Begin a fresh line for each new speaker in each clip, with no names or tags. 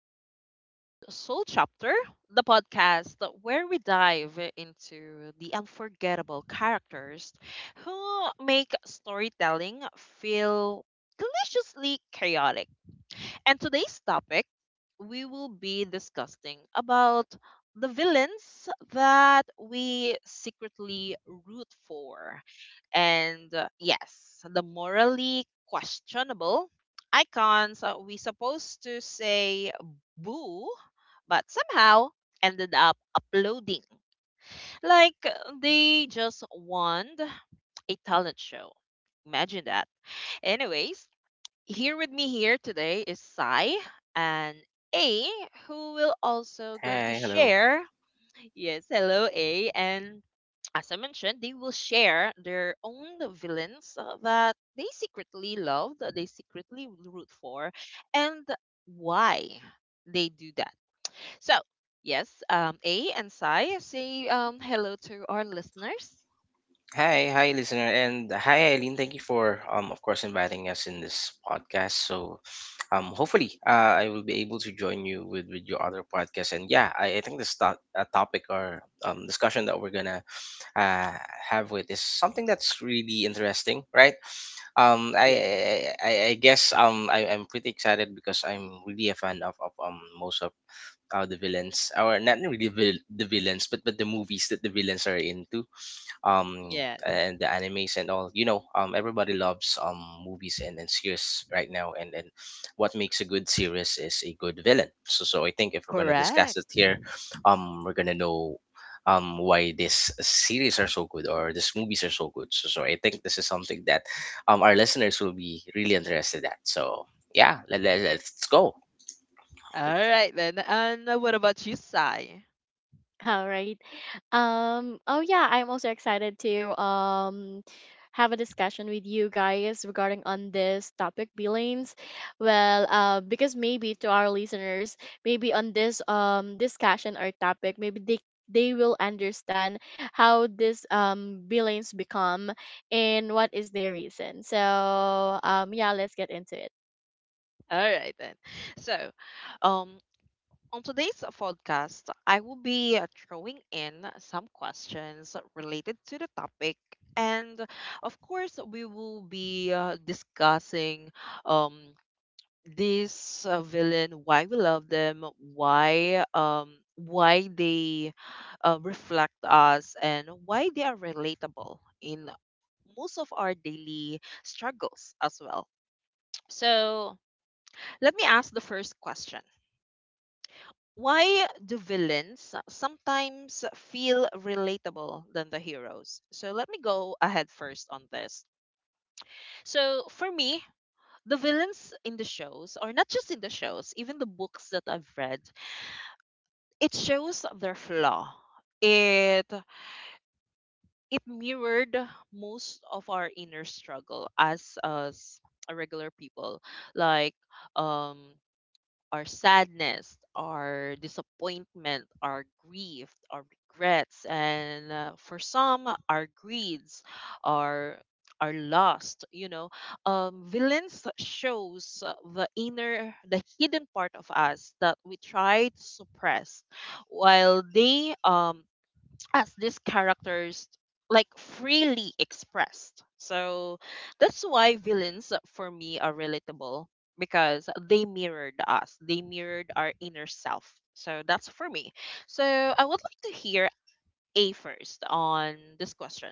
welcome to Soul Chapter, the podcast where we dive into the unforgettable characters who make storytelling feel deliciously chaotic. And today's topic, we will be discussing about the villains that we secretly root for. And Yes, the morally questionable icons, we supposed to say boo, but somehow ended up uploading. They just won a talent show. Imagine that. Anyways, here with me here today is Sai and A, who will also
Hi,
going to
hello.
share. Yes, hello A, and as I mentioned, they will share their own villains, that they secretly love, that they secretly root for, and why they do that. So yes, A and Sai say hello to our listeners.
Hi, hi, listener, and hi, Eileen. Thank you for, of course, inviting us in this podcast. Hopefully, I will be able to join you with your other podcast. And yeah, I think this topic or discussion that we're gonna uh, have with is something that's really interesting, right?
Yes,
I guess I, I'm pretty excited because I'm really a fan of, of most of the villains or not really the villains but the movies that the villains are into um
yes,
and the animes and all, everybody loves movies and series right now and what makes a good series is a good villain. So I think if we're going to discuss
correct.
it here, we're going to know why these series are so good or these movies are so good. So I think this is something that our listeners will be really interested at. So yeah, let's go.
All right then, and what about you, Sai?
All right. Oh yeah, I'm also excited to have a discussion with you guys regarding on this topic, Billings. Well, because maybe to our listeners, maybe on this discussion or topic, maybe they will understand how this Billings become and what is their reason. So yeah, let's get into it.
All right then. So, um, on today's podcast, I will be throwing in some questions related to the topic, and of course, we will be discussing um this villain, why we love them, why um why they reflect us, and why they are relatable in most of our daily struggles as well. So, let me ask the first question. Why do villains sometimes feel relatable than the heroes? So let me go ahead first on this. So for me, the villains in the shows, or not just in the shows, even the books that I've read, it shows their flaw. It it mirrored most of our inner struggle as a regular people. Like um our sadness, our disappointment, our grief, our regrets, and for some, our greeds, our our lost. Villains shows the inner, the hidden part of us that we try to suppress, while they as these characters like freely expressed. So that's why villains for me are relatable because they mirrored us. They mirrored our inner self. So that's for me. So I would like to hear A first on this question.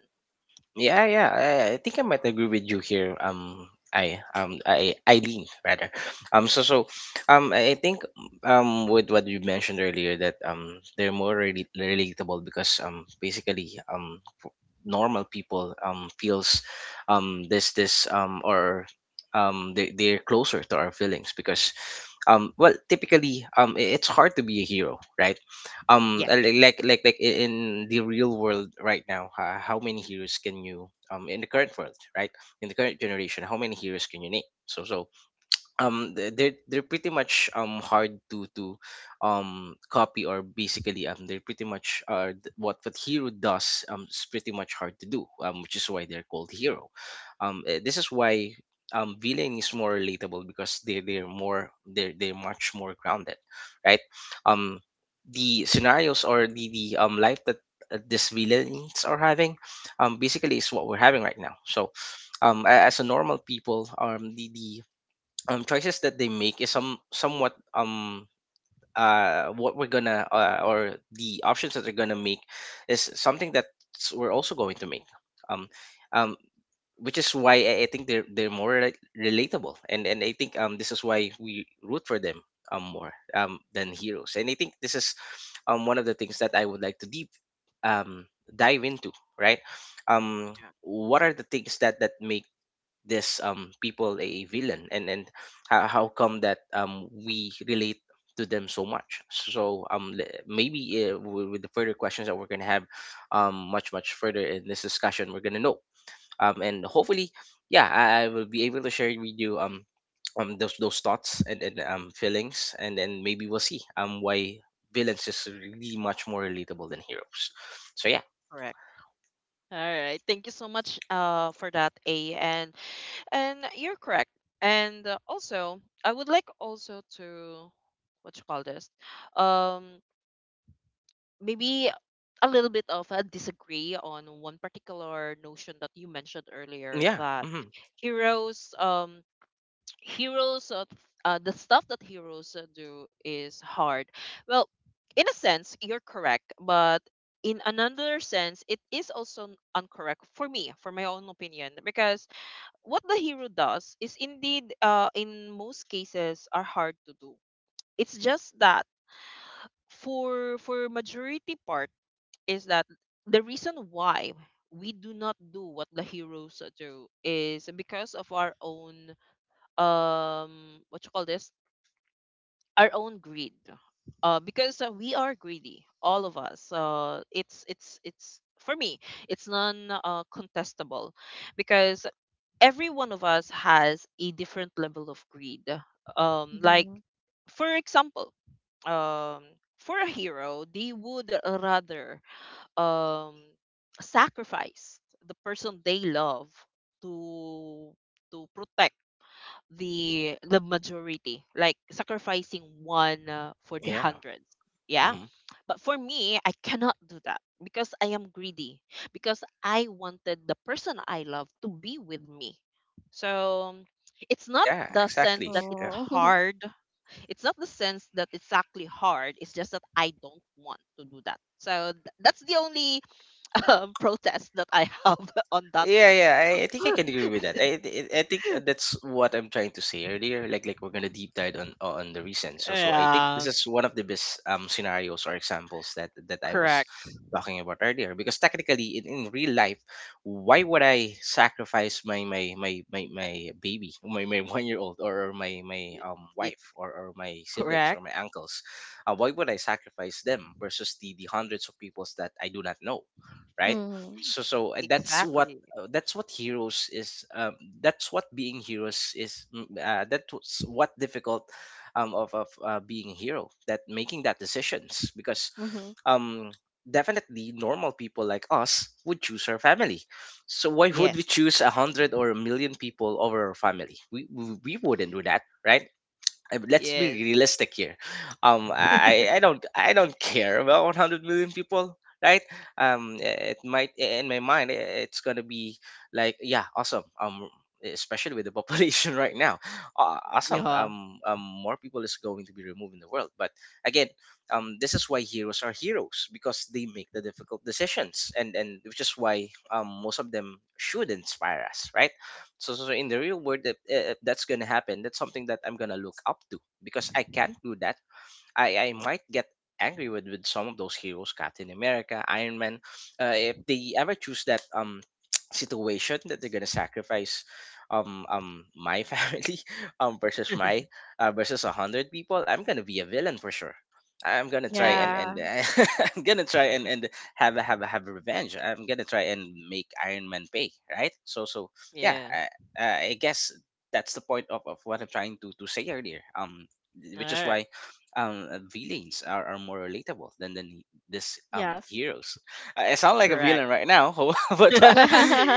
Yeah, yeah. I think I might agree with you here. I Eileen rather. Um, so so, I think with what you mentioned earlier that they're more really relatable because basically normal people feels um this this um or they're closer to our feelings because well, typically it's hard to be a hero, right?
Yes,
In the real world right now, how many heroes can you in the current world, right, in the current generation, how many heroes can you name? So they're pretty much hard to copy, or basically they're pretty much what what hero does is pretty much hard to do, which is why they're called hero. This is why villain is more relatable, because they're much more grounded, right? um the scenarios or the life that these villains are having, basically is what we're having right now. So a- as a normal people, the choices that they make is somewhat what we're gonna or the options that they're gonna make is something that we're also going to make, um um which is why I think they're more relatable. And I think this is why we root for them more than heroes. And I think this is one of the things that I would like to deep um dive into, right? um what are the things that that make this people a villain? And how come that we relate to them so much? So maybe with the further questions that we're going to have much much further in this discussion, we're going to know and hopefully, yeah, I will be able to share with you those thoughts and, and feelings, and then maybe we'll see why villains is really much more relatable than heroes. So yeah.
correct. All right. Thank you so much for that A, and you're correct. And also I would like also to, what you call this? Um Maybe a little bit of a disagree on one particular notion that you mentioned earlier
Yeah,
that
hmm.
heroes heroes, the stuff that heroes do is hard. Well, in a sense you're correct, but in another sense it is also incorrect for me, for my own opinion, because what the hero does is indeed, in most cases, are hard to do. It's just that for majority part is that the reason why we do not do what the heroes do is because of our own, what you call this, our own greed. Because we are greedy, all of us. It's for me, it's non contestable, because every one of us has a different level of greed. Like,
Mm-hmm.
for example, um for a hero, they would rather um sacrificed the person they love to protect the majority, like sacrificing one for the
Yeah,
hundreds. Yeah,
hmm.
but for me I cannot do that because I am greedy, because I wanted the person I love to be with me. So it's not
Yeah,
the sense
exactly,
that it's
yeah.
Oh.
hard, it's not the sense that it's actually hard. It's just that I don't want to do that. So that's the only protest that I have on that.
Yeah, yeah, I think I can agree with that. I think that's what I'm trying to say earlier. Like we're gonna deep dive on the reasons. So, so I think this
Yeah,
is one of the best scenarios or examples that that I was
correct.
talking about earlier. Because technically, in real life, why would I sacrifice my baby, my 1 year old, or my my
Y-
um
y-
wife, or my siblings, or
Correct.
my uncles? Why would I sacrifice them versus the hundreds of peoples that I do not know, right? So
Exactly.
that's what heroes is, that's what being heroes is, that's what difficult, of, of being a hero, that making that decisions. Because
Mm-hmm.
um definitely normal people like us would choose our family. So why would we
Yes.
choose a hundred or a million people over our family? We we wouldn't do that, right? I, let's be
Yes.
realistic here. I don't I don't care about 100 million people, right? It might, in my mind it's gonna be like, yeah, awesome. Especially with the population right now, awesome.
Yeah.
More people is going to be removed in the world. But again, this is why heroes are heroes, because they make the difficult decisions. And which is why most of them should inspire us, right? So, so so in the real world, that, that's gonna happen. That's something that I'm gonna look up to, because I can't do that. I might get angry with some of those heroes, Captain America, Iron Man, if they ever choose that situation that they're gonna sacrifice my family versus my versus a hundred people, I'm gonna be a villain for sure. I'm gonna try
Yeah.
and
Yeah.
I'm gonna try and have a have a revenge. I'm gonna try and make Iron Man pay, right? So so yeah,
Yeah.
I guess that's the point of what I'm trying to say earlier.
All
Which is
right.
why villains are more relatable than this
Yes.
heroes. I sound like a
Correct.
villain right now, ho- but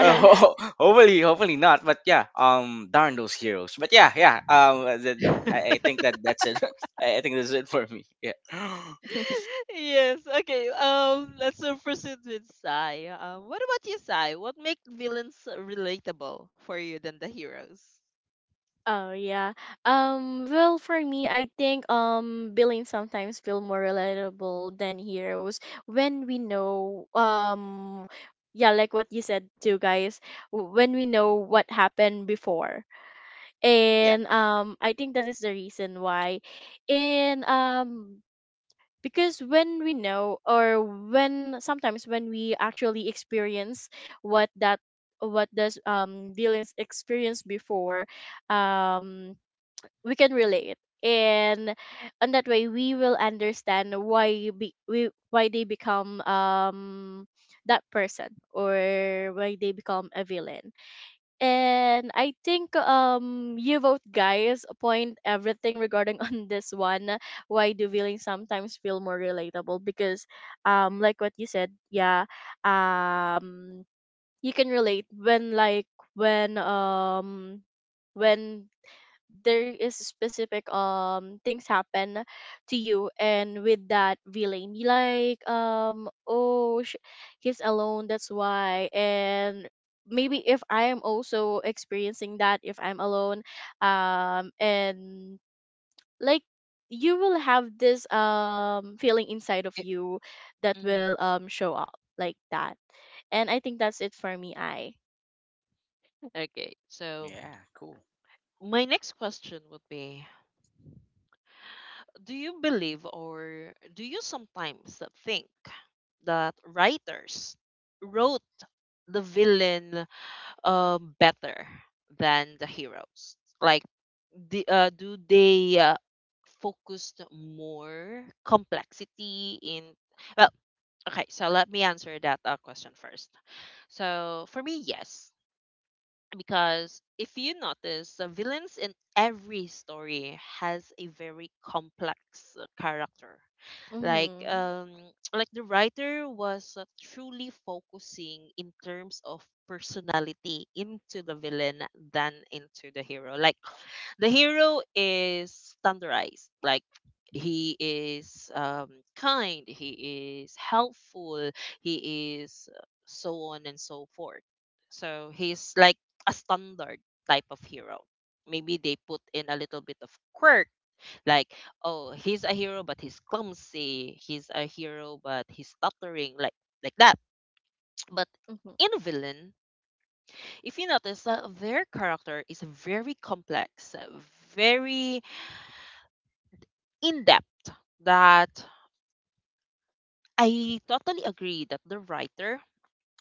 hopefully hopefully not. But yeah, darn those heroes. But yeah, yeah. I think that that's it. I think that's it for me. Yeah.
Yes. Okay. Let's, proceed with Sai. What about you, Sai? What makes villains relatable for you than the heroes?
Oh yeah. Well, for me I think billing sometimes feel more relatable than heroes when we know, yeah, like what you said too, guys, when we know what happened before,
Yeah.
and I think that is the reason why, in because when we know, or when sometimes when we actually experience what that, what does dealings experience before, um we can relate, and on that way we will understand why be, we why they become that person, or why they become a villain. And I think you both guys point everything regarding on this one. Why do feelings sometimes feel more relatable? Because, like what you said, yeah, um you can relate when, like, when um when there is specific things happen to you, and with that villain you like, oh, he's alone, that's why. And maybe if I am also experiencing that, if I'm alone, and like, you will have this feeling inside of
eh,
you that
Mm-hmm.
will show up like that. And I think that's it for me, I.
Okay. So
Yeah. Cool.
my next question would be, do you believe or do you sometimes think that writers wrote the villain better than the heroes? Like the, do they focused more complexity in, well, okay, so let me answer that question first. So for me, yes, because if you notice, the villains in every story has a very complex character. Like,
Mhm.
like the writer was truly focusing in terms of personality into the villain than into the hero. Like, the hero is standardized, like he is kind, he is helpful, he is, so on and so forth, so he's like a standard type of hero. Maybe they put in a little bit of quirk, like, oh, he's a hero but he's clumsy, he's a hero but he's stuttering, like that. But
Mhm.
in a villain, if you notice that their character is very complex, very in depth, that I totally agree that the writer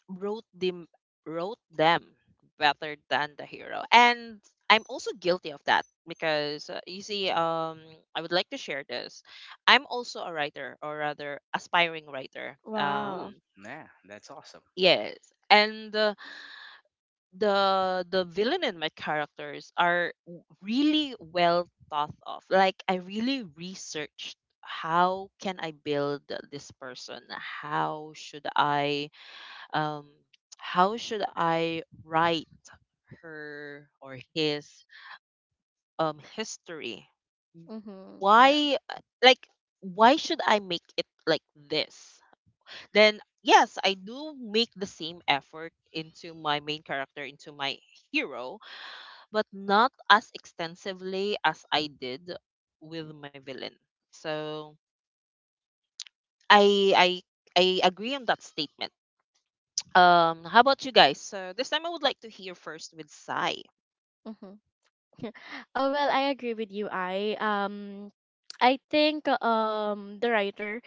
wrote them wrote them better than the hero. And I'm also guilty of that because you see, I would like to share this. I'm also a writer, or rather aspiring writer.
Wow.
Ooh. Yeah. That's awesome. Yeah.
Yes. And the villain and my characters are really well thought of. Like, I really researched how can I build this person? Um how should I write her or his history?
Mhm. Yeah.
Why, like, why should I make it like this? Then yes, I do make the same effort into my main character, into my hero, but not as extensively as I did with my villain. So I I I agree on that statement. How about you guys? So this time I would like to hear first with Sai.
Mhm. Oh well, I agree with you. I think the writer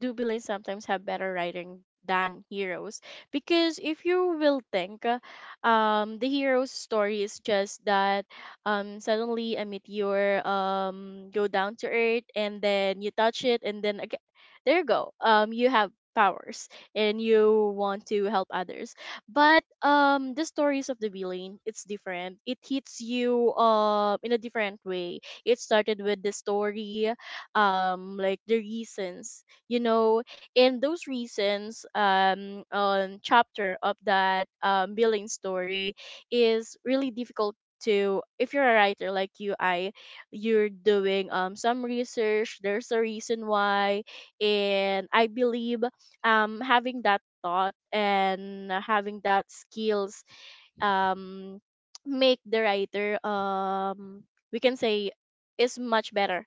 do villains sometimes have better writing than heroes? Because if you will think, the hero's story is just that, suddenly a meteor go down to earth, and then you touch it, and then again there you go, you have powers and you want to help others. But the stories of the villain, it's different. It hits you in a different way. It started with the story, like the reasons, you know, and those reasons on chapter of that billing story is really difficult to, if you're a writer like you, I you're doing some research. There's a reason why, and I believe having that thought and having that skills um make the writer, we can say, is much better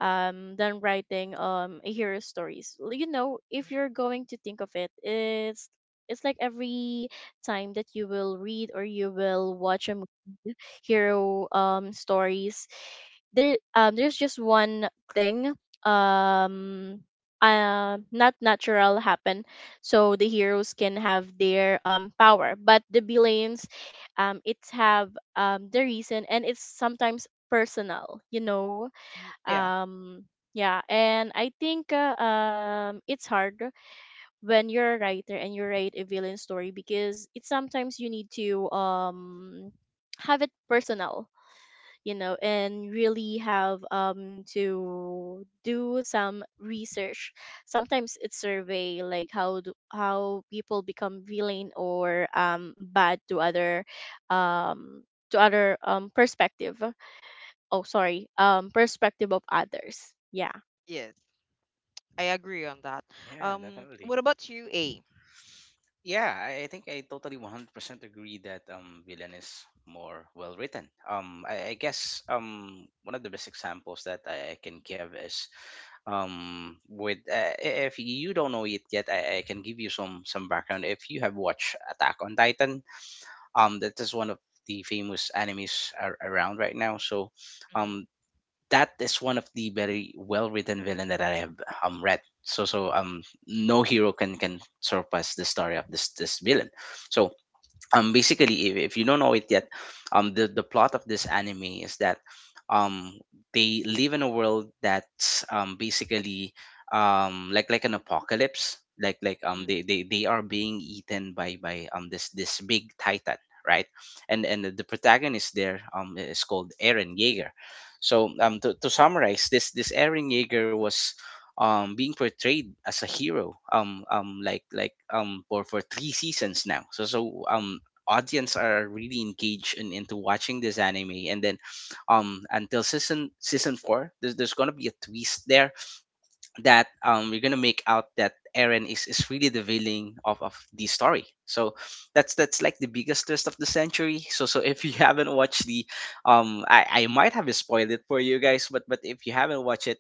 than writing a hero stories. If
Mhm.
you're going to think of it, it's like every time that you will read or you will watch a hero stories, there's just one thing, um not natural happen. So the heroes can have their power, but the villains, it's have the reason, and it's sometimes personal, you know.
Mhm. Yeah.
um yeah, and I think, it's hard when you're a writer and you write a villain story, because it's sometimes you need to have it personal, you know, and really have to do some research. Sometimes it's survey, like how people become villain, or bad to other, um to other perspective. Oh, sorry, perspective of others. Yeah.
Yes, I agree on that.
Yeah.
What
Definitely.
about you, A?
Yeah, I think I totally 100% agree that Villain is more well written. I guess one of the best examples that I can give is if you don't know it yet, I can give you some background if you have watched Attack on Titan. That is one of the famous animes around right now. so
Mhm.
um that is one of the very well written villain that I have read. So so no hero can surpass the story of this this villain. So basically, if you don't know it yet, the plot of this anime is that um they live in a world that's basically an apocalypse,
Mhm.
they they are being eaten by this this big titan, right? And the protagonist there is called Eren Jaeger. So to summarize, this Eren Jaeger was being portrayed as a hero for three seasons now. So audience are really engaged in, into watching this anime. And then until season season four, there's gonna be a twist there that we're gonna make out that Aaron is really the villain of the story. So that's like the biggest twist of the century. So so if you haven't watched the I might have spoiled it for you guys, but if you haven't watched it,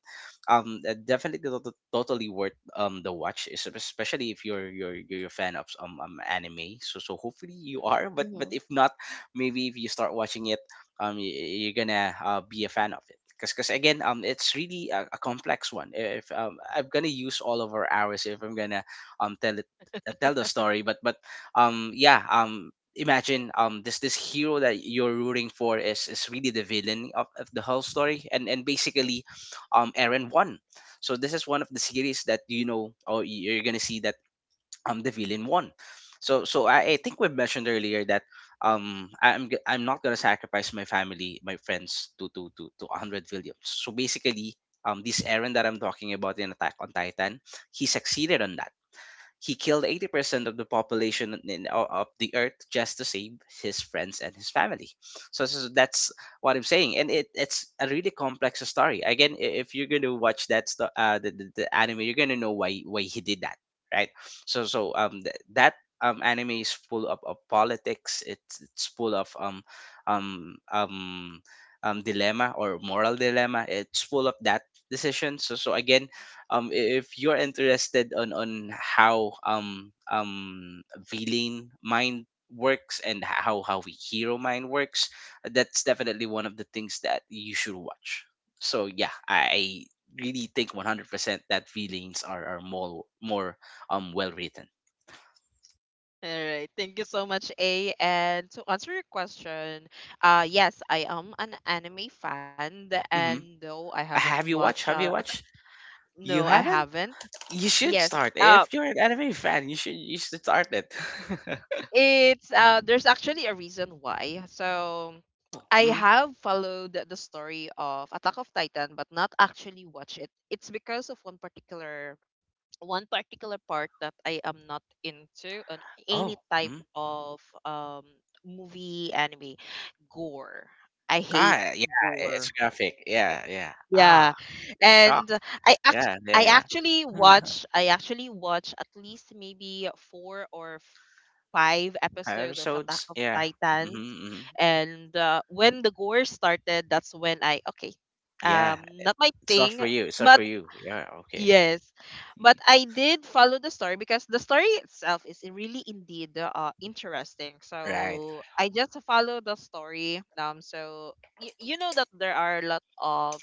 definitely totally worth the watch, especially if you're a fan of anime. So so hopefully you
Mhm.
are, but
Hmm.
if not, maybe if you start watching it, you're gonna be a fan of it. Because again it's really a complex one. If I'm gonna use all of our hours if I'm gonna um tell it tell the story. But yeah, imagine this this hero that you're rooting for is really the villain of the whole story. And basically Aaron won. So this is one of the series that you know, oh, you're gonna see that the villain won. So so I think we mentioned earlier that I'm I'm not gonna sacrifice my family, my friends to hundred Williams. So basically this Aaron that I'm talking about in Attack on Titan, he succeeded on that. He killed 80% of the population in, of the earth, just to save his friends and his family. So, so so that's what I'm saying. And it, it's a really complex story. Again, if you're going to watch that the anime, you're going to know why he did that, right? So so that anime is full of politics. It's full of um um dilemma or moral dilemma. It's full of that decision. So again, if you're interested on how villain mind works and how hero mind works, that's definitely one of the things that you should watch. So yeah, I really think 100% that villains are more well written.
All right. Thank you so much, A. And to answer your question, yes, I am an anime fan, and
Hmm.
no, I haven't
have you
watched.
watched Have you watched?
No,
You
I
haven't.
haven't.
You should
Yes.
start.
Uh,
If you're an anime fan, you should, you should start it.
it's there's actually a reason why. So
Oh,
I
mm.
have followed the story of Attack of Titan, but not actually watch it. It's because of one particular part that I am not into, on any
Oh,
type
mm.
of movie anime, gore. I hate
Ah, yeah, it's
gore.
graphic. Yeah, yeah.
Yeah.
Ah, shock.
And I act
Yeah, yeah, yeah.
I actually watch at least maybe four or five
Five
episode of Attack
episodes.
of
Yeah.
Titans.
Mm-hmm, hmm.
And when the gore started, that's when I, okay,
Yeah,
not my
it's not for
thing,
you. It's not for
but
you. Yeah, okay.
yes, but I did follow the story because the story itself is really indeed interesting.
Right.
So I just follow the story. So you, you know that there are a lot of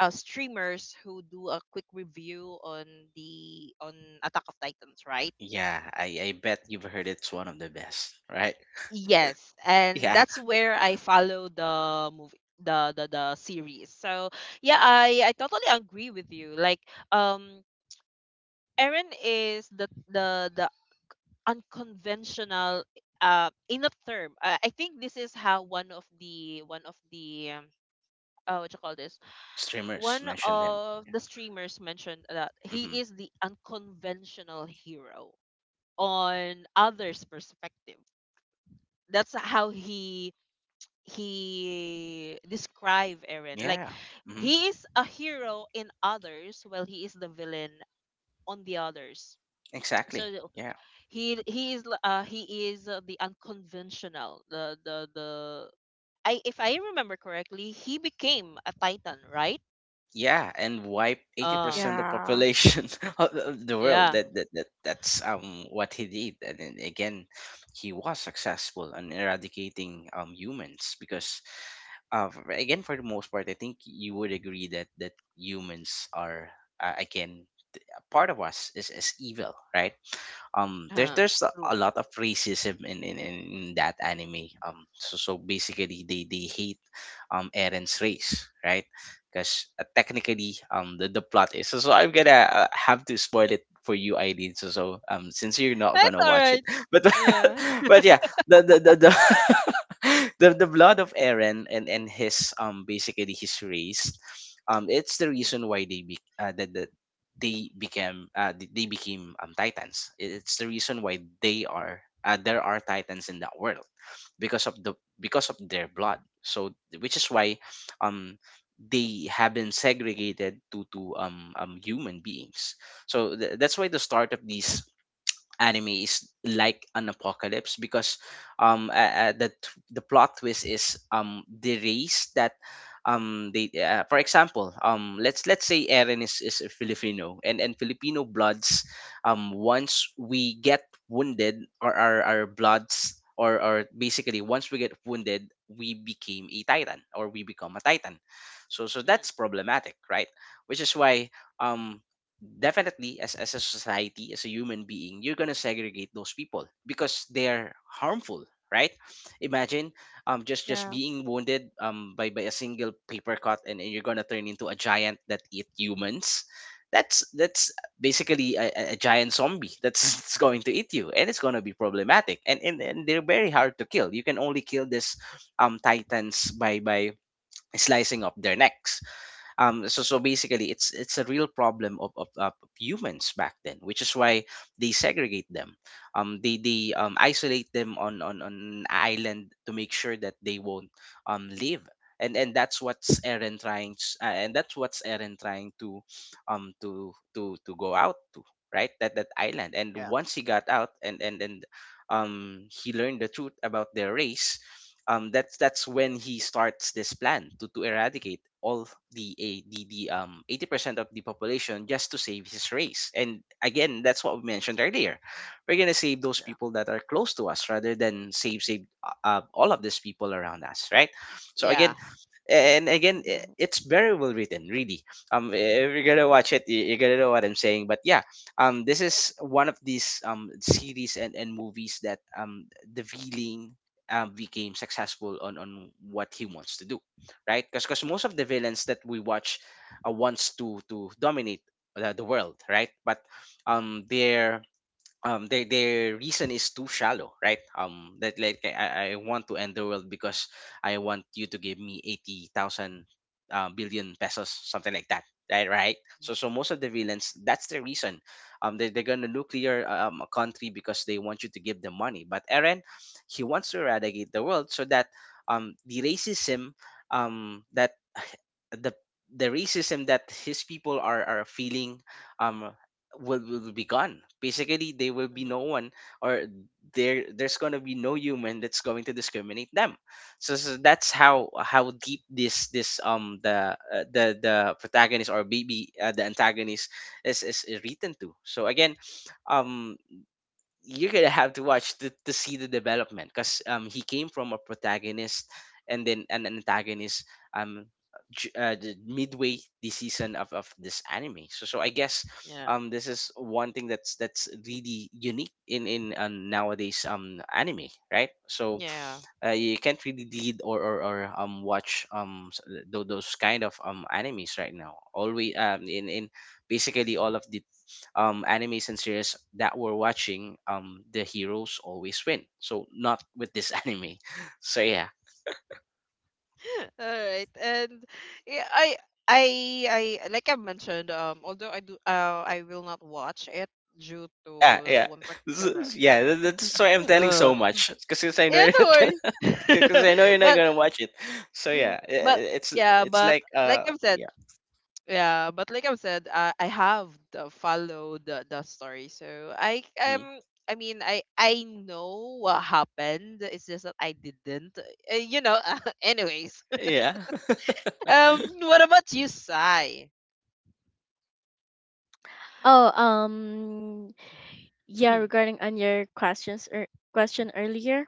streamers who do a quick review on the on Attack of Titans, right?
Yeah, I bet you've heard it's one of the best, right?
Yes, and
Yeah.
that's where I follow the movie, the the series. So yeah, I totally agree with you. Like, um, Aaron is the unconventional in a term. I think this is how one of the what you call this?
Streamers
One
mentioned him.
of the streamers mentioned that
Yeah, mm-hmm.
he is the unconventional hero on others' perspective. That's how he describe Eren. Like,
Yeah. Mm-hmm.
he is a hero in others, while he is the villain on the others.
Exactly.
So
Yeah.
he is he is the unconventional. The, I if I remember correctly, he became a Titan, right?
Yeah, and wipe
Uh
80% of
Yeah.
population of the world.
yeah.
That that's what he did. And then again, he was successful in eradicating humans, because again, for the most part, I think you would agree that that humans are, uh, again, part of us is evil, right? There's
Huh.
there's a
True.
lot of racism in in that anime. So basically they hate Eren's race, right? Because technically the plot is so I'm gonna have to spoil it for you, Eileen. So since you're not
That's
gonna
all
watch it,
right.
but
Yeah.
but yeah, the the blood of Eren and his basically his race, it's the reason why they became they became titans. It's the reason why they are there are titans in that world because of the because of their blood. So which is why um they have been segregated to human beings. That's why the start of these anime is like an apocalypse, because um uh, uh, the the plot twist is, the race that they for example, let's say Eren is a Filipino, and Filipino bloods, once we get wounded, or our bloods, or basically once we get wounded, we became a titan, or we become a titan. So
Mm.
that's problematic, right? Which is why um definitely as a society, as a human being, you're going to segregate those people because they're harmful, right? Imagine just
Yeah.
being wounded by a single paper cut, and you're going to turn into a giant that eat humans. That's that's basically a, a giant zombie. That's it's going to eat you, and it's going to be problematic. And they're very hard to kill. You can only kill this titans by slicing up their necks. So basically, it's a real problem of, of humans back then, which is why they segregate them. They isolate them on on an island to make sure that they won't live. And that's what's Aaron trying and that's what's Aaron trying to to go out to, right? That that island. And once he got out, and he learned the truth about their race, that's when he starts this plan to eradicate all the 80% of the population, just to save his race. And again, that's what we mentioned earlier. We're gonna save those
Yeah.
people that are close to us, rather than save all of these people around us, right? So again,
Yeah.
and again,
Hmm.
it's very well written, really. If you're gonna watch it, you're gonna know what I'm saying. But yeah, this is one of these series and movies that the villain became successful on what he wants to do. Right? Because most of the villains that we watch, wants to dominate the world, right? But um their their reason is too shallow, right? That like, I want to end the world because I want you to give me 80,000 billion pesos, something like that, right? Right. So most of the villains, that's the reason. They, they're gonna nuclear a country because they want you to give them money. But Eren, he wants to eradicate the world so that the racism that the racism that his people are feeling um will be gone. Basically, they will
Mm.
be
Mm.
no one, or there there's gonna be no human that's going to discriminate them. So, that's how deep this the protagonist, or maybe the antagonist is written to. So again, um you're gonna have to watch to see the development, because he came from a protagonist and then an antagonist, um the midway the season of this anime. So I guess
Yeah.
this is one thing that's really unique in nowadays anime, right? So
Yeah.
you can't really lead, or, or watch those kind of animes right now. Always, in basically all of the animation series that we're watching, the heroes always win. So not with this anime. So yeah,
All right. And yeah, I I like I mentioned, um, although I do I will not watch it due to
yeah, yeah,
one particular
Yeah. That's why I'm telling
uh
so much, because I know
yeah,
you're
no
not gonna.
worries.
Because I know you're not
but
gonna watch it, so yeah,
but yeah,
it's
but
like
like
uh,
I've said,
yeah.
yeah, but like I've said, I have the followed the story. So
Hmm.
I mean I know what happened. It's just that I didn't. You know, anyways.
Yeah.
Um, what about you, Sai?
Oh, yeah, regarding on your questions, or question earlier.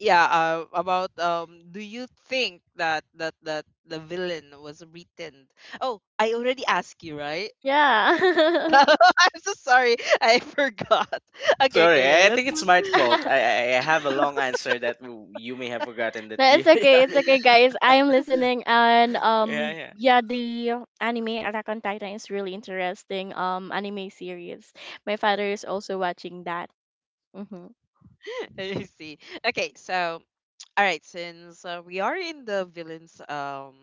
Yeah, about, do you think that the villain was written, oh, I already asked you, right?
Yeah.
I'm so sorry, I forgot. Okay,
Sorry,
okay,
I
let's
think it's my fault. I have a long answer that you may have forgotten that
No, it's
you. You
okay. It's
haven't.
okay, guys. I am listening, and
Yeah, yeah,
yeah, the anime Attack on Titan is really interesting. Anime series. My father is also watching that. Mm-hmm.
I see. Okay, so, all right, since we are in the villains um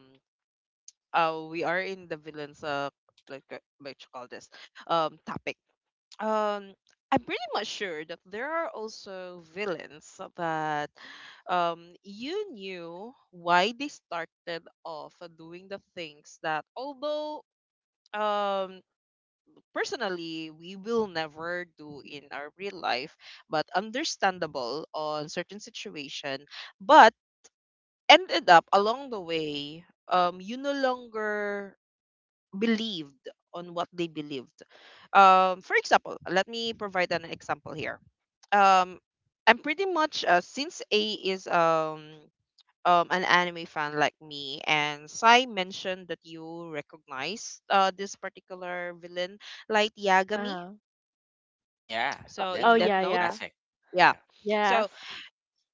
uh we are in the villains, like uh, what you call this, topic, um I'm pretty much sure that there are also villains that, you knew why they started off doing the things that, although, um, personally we will never do in our real life, but understandable on certain situation, but ended up along the way, you no longer believed on what they believed. For example, let me provide an example here. um I'm pretty much since A is an anime fan like me and Sai, mentioned that you recognize this particular villain, Light Yagami,
Uh-huh.
yeah.
so
Oh
Death
in
Note,
Death
yeah,
Note.
yeah,
classic.
Yeah.
Yeah.
So
yes,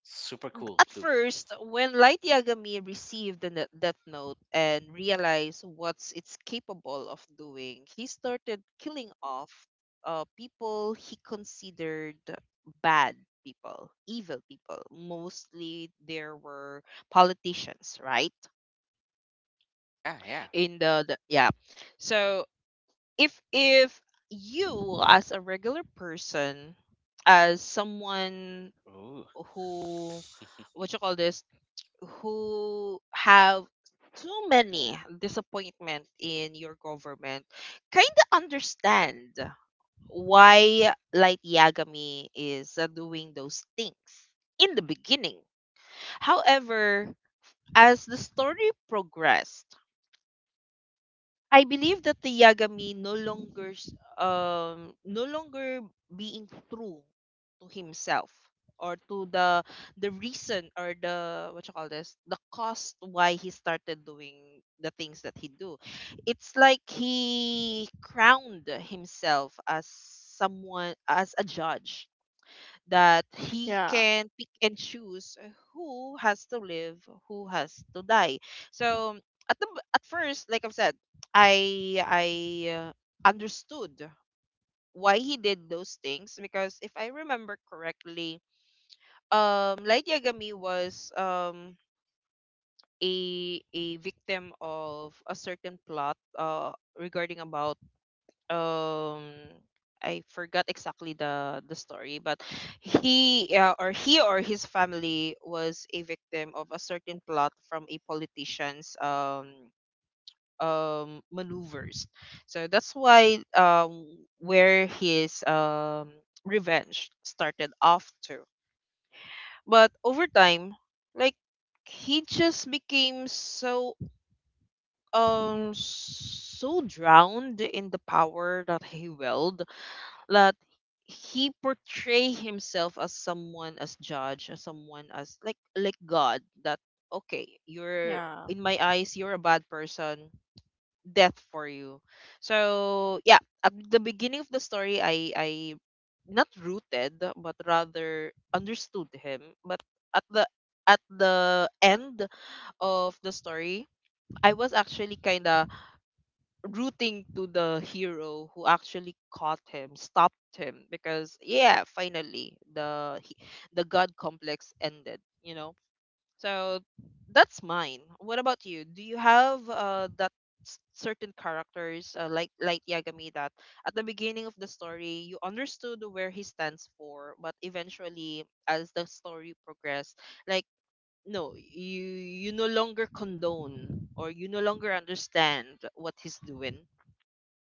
Super cool
at
too.
first, when Light Yagami received the Death Note and realized what it's capable of doing, he started killing off people he considered bad people, evil people. Mostly there were politicians, right?
Yeah, yeah.
In the yeah. So if you, as a regular person, as someone
Ooh.
who what you call this who have too many disappointment in your government, kind of understand why Light Yagami is doing those things in the beginning. However, as the story progressed, I believe that the Yagami no longer no longer being true to himself or to the reason or the what you call this the cost why he started doing the things that he do. It's like he crowned himself as someone, as a judge, that he
yeah,
can pick and choose who has to live, who has to die. So at the at first, like I've said, I uh, understood why he did those things because, if I remember correctly, Light Yagami was a a victim of a certain plot, regarding about, um I forgot exactly the story, but he or his family was a victim of a certain plot from a politician's maneuvers. So that's why, where his revenge started off too. But over time, like, he just became so so drowned in the power that he willed, that he portray himself as someone, as judge, as someone as like god, that, okay, you're
yeah.
in my eyes, you're a bad person, death for you. So yeah, at the beginning of the story, I not rooted but rather understood him, but at the end of the story I was actually kind of rooting to the hero who actually caught him, stopped him because, yeah, finally the god complex ended, you know. So that's mine. What about you? Do you have that certain characters, like Yagami, that at the beginning of the story you understood where he stands for, but eventually, as the story progressed, like, no, you no longer condone or you no longer understand what he's doing.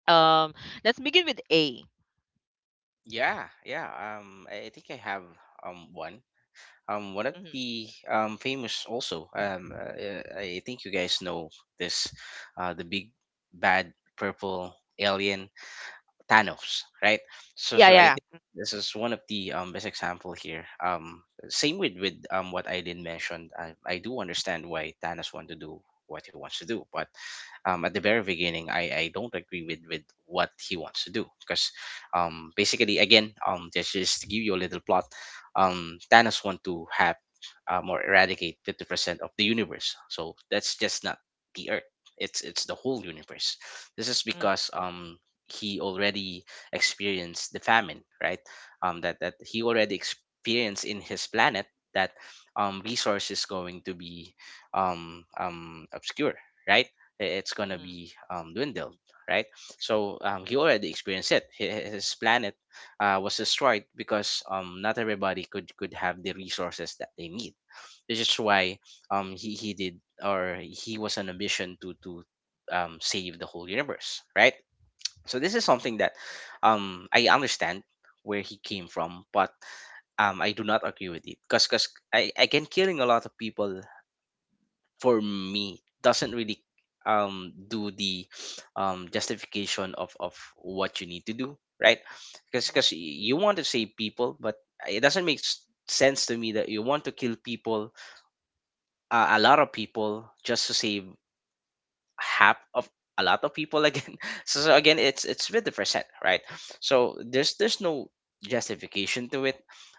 Um, let's begin with A.
Yeah, yeah. I think I have one. One of
Mm-hmm.
the famous also. I think you guys know this, the big bad purple alien, Thanos, right? So
Yeah,
I
yeah.
think this is one of the best example here. Same with what Eileen mentioned. I do understand why Thanos want to do what he wants to do, but at the very beginning, I don't agree with what he wants to do, because basically again, just to give you a little plot, Thanos want to have or eradicate 50% of the universe. So that's just not the Earth. It's the whole universe. This is because he already experienced the famine, right? That he already experienced in his planet, that resource is going to be obscure, right? It's gonna be
Mm-hmm.
dwindled, right? So he already experienced it. His planet was destroyed because not everybody could have the resources that they need. This is why he did or he was on a mission to save the whole universe, right? So this is something that I understand where he came from, but I do not agree with it, because I, again, killing a lot of people, for me, doesn't really do the justification of what you need to do, right? Because you want to save people, but it doesn't make sense to me that you want to kill people, a lot of people, just to save half of a lot of people again. So, again, it's 50%, right? So there's no justification to it,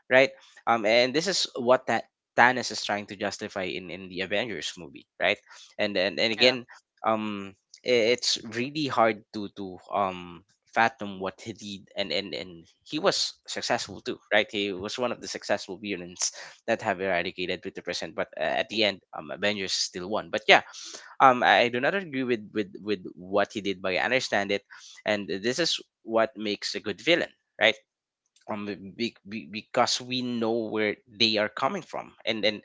right? And this is what that Thanos is trying to justify in the Avengers movie, right? And
Yeah,
again, um it's really hard to fathom what he did. And he was successful too, right? He was one of the successful villains that have eradicated 50%. But at the end, Avengers still won. But yeah, I do not agree with what he did, but I understand it, and this is what makes a good villain, right? Um, because we know where they are coming from, and then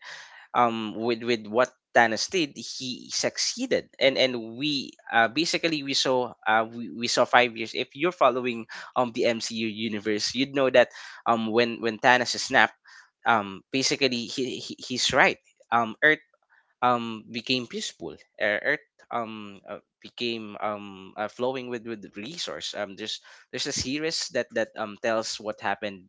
with what Thanos did, he succeeded. And we basically we saw we saw 5 years. If you're following the MCU universe, you'd know that when Thanos is snapped, basically he's right. Earth became peaceful. Earth became flowing with resource. There's a series that tells what happened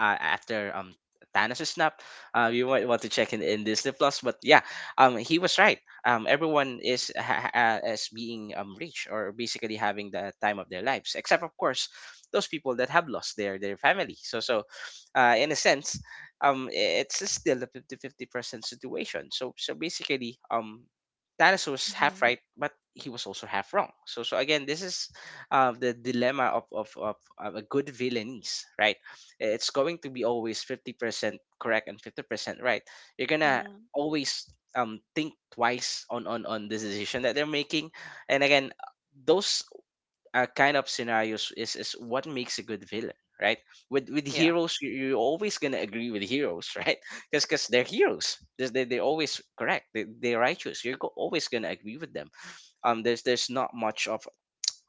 after Thanos' snap. You might want to check in, Disney Plus. But yeah, he was right. Everyone is is being rich or basically having the time of their lives, except of course those people that have lost their family. So in a sense, it's still a 50 50% situation. So basically, Thanos was half
Mm-hmm.
right, but he was also half wrong. So again, this is the dilemma of a good villainese, right? It's going to be always 50% correct and 50% right. You're gonna
Yeah.
always think twice on on the decision that they're making. And again, those kind of scenarios is what makes a good villain, right? With
yeah,
heroes, you're always gonna agree with heroes, right? Because they're heroes. They they're always correct. They're righteous. You're always gonna agree with them. There's not much of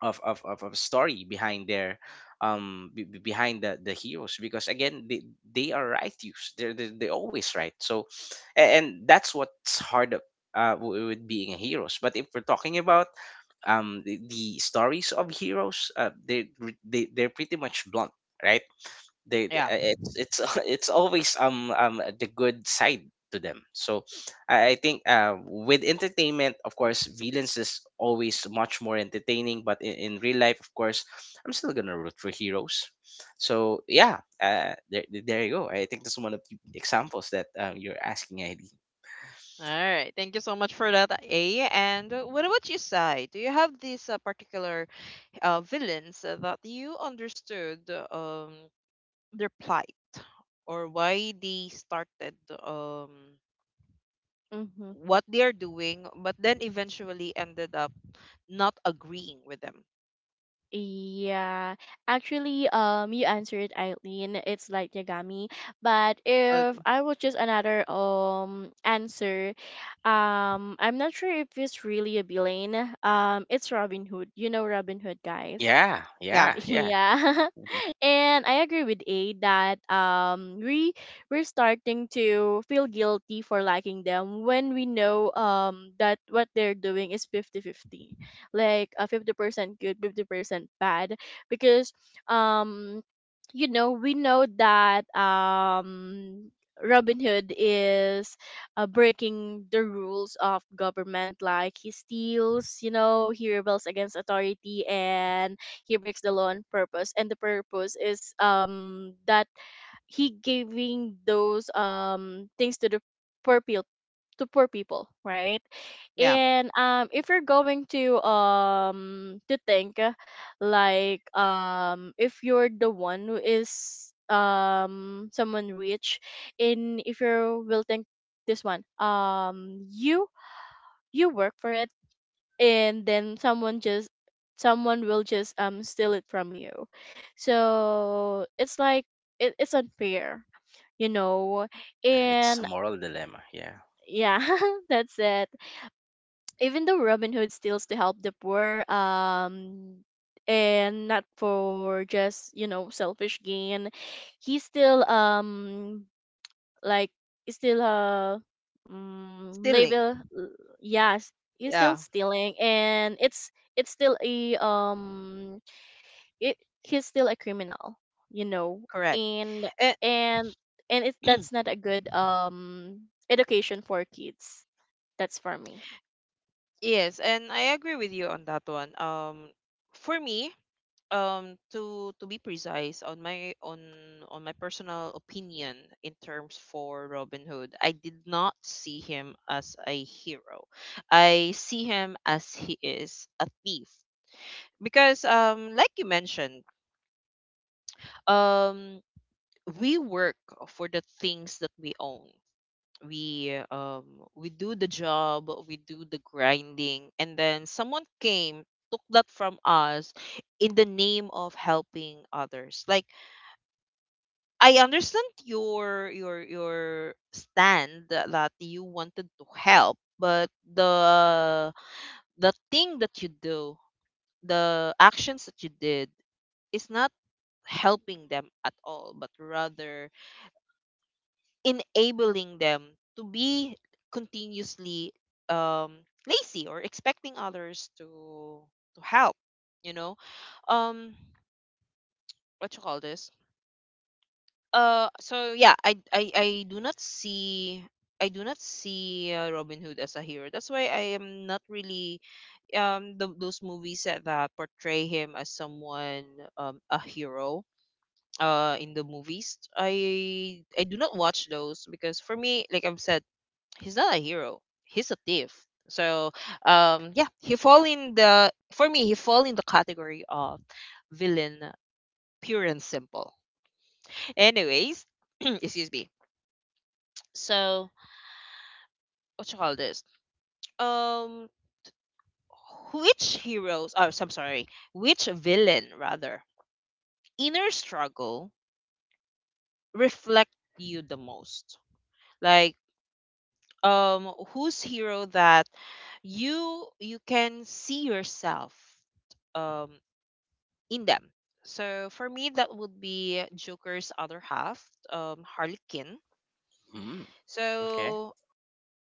of of, of, of story behind their behind the heroes, because again they are righteous, they're they always right. So a- and that's what's hard with being a heroes. But if we're talking about the stories of heroes, they they're pretty much blunt, right? they
yeah.
it's it's always the good side to them. So I think with entertainment of course villains is always much more entertaining, but in real life of course I'm still gonna root for heroes. So yeah, there you go. I think that's one of the examples that you're asking id.
All right. Thank you so much for that, A. And what about you, Sai? Do you have these particular villains, that you understood um, their plight or why they started, um,
Mm-hmm.
what they are doing, but then eventually ended up not agreeing with them?
Yeah, actually, you answered Eileen. It's like Yagami. But
Uh,
if I would choose another answer, I'm not sure if it's really a villain. It's Robin Hood. You know Robin Hood, guys.
Yeah,
yeah,
yeah, yeah.
Yeah.
Mhm.
And I agree with A that, we're starting to feel guilty for liking them when we know that what they're doing is 50/50, like a 50% good, 50% bad. Because um we know that Robin Hood is breaking the rules of government, like he steals, he rebels against authority, and he breaks the law on purpose, and the purpose is that he giving those things to the poor people to poor people, right.
yeah.
And if you're going to, think, like, if you're the one who is someone rich, and if you will think, this one, you work for it, and then, someone will just steal it from you. So it's like, it's unfair, you know.
Yeah, it's a
And
moral dilemma, yeah.
yeah, that's it. Even though Robin Hood steals to help the poor, and not for just, you know, selfish gain, he still, like, still uh
Stealing.
label. Yes, he's still
Yeah,
stealing, and it's still a it, he's still a criminal, you know.
correct.
And
A-
and and it that's not a good education for kids, that's for me.
Yes, and I agree with you on that one. For me, to be precise on my personal opinion in terms for Robin Hood, I did not see him as a hero. I see him as he is a thief because, like you mentioned, um, we work for the things that we own. We we do the job, we do the grinding, and then someone came, took that from us in the name of helping others. Like, I understand your your stand, that that you wanted to help, but the thing that you do, the actions that you did, is not helping them at all, but rather enabling them to be continuously, um, lazy, or expecting others to help, you know. Um what you call this So yeah, I do not see, I do not see, Robin Hood as a hero. That's why I am not really the, those movies that, that portray him as someone, a hero, in the movies. I do not watch those because for me, like I've said, he's not a hero. He's a thief. So yeah, he fall in the, for me, he fall in the category of villain, pure and simple. Anyways, excuse me. So what you call this? Um which heroes, oh, so I'm sorry, which villain rather inner struggle reflect you the most? Like, um whose hero that you can see yourself um in them. So for me, that would be Joker's other half, Harley Quinn.
Mm. Okay.
So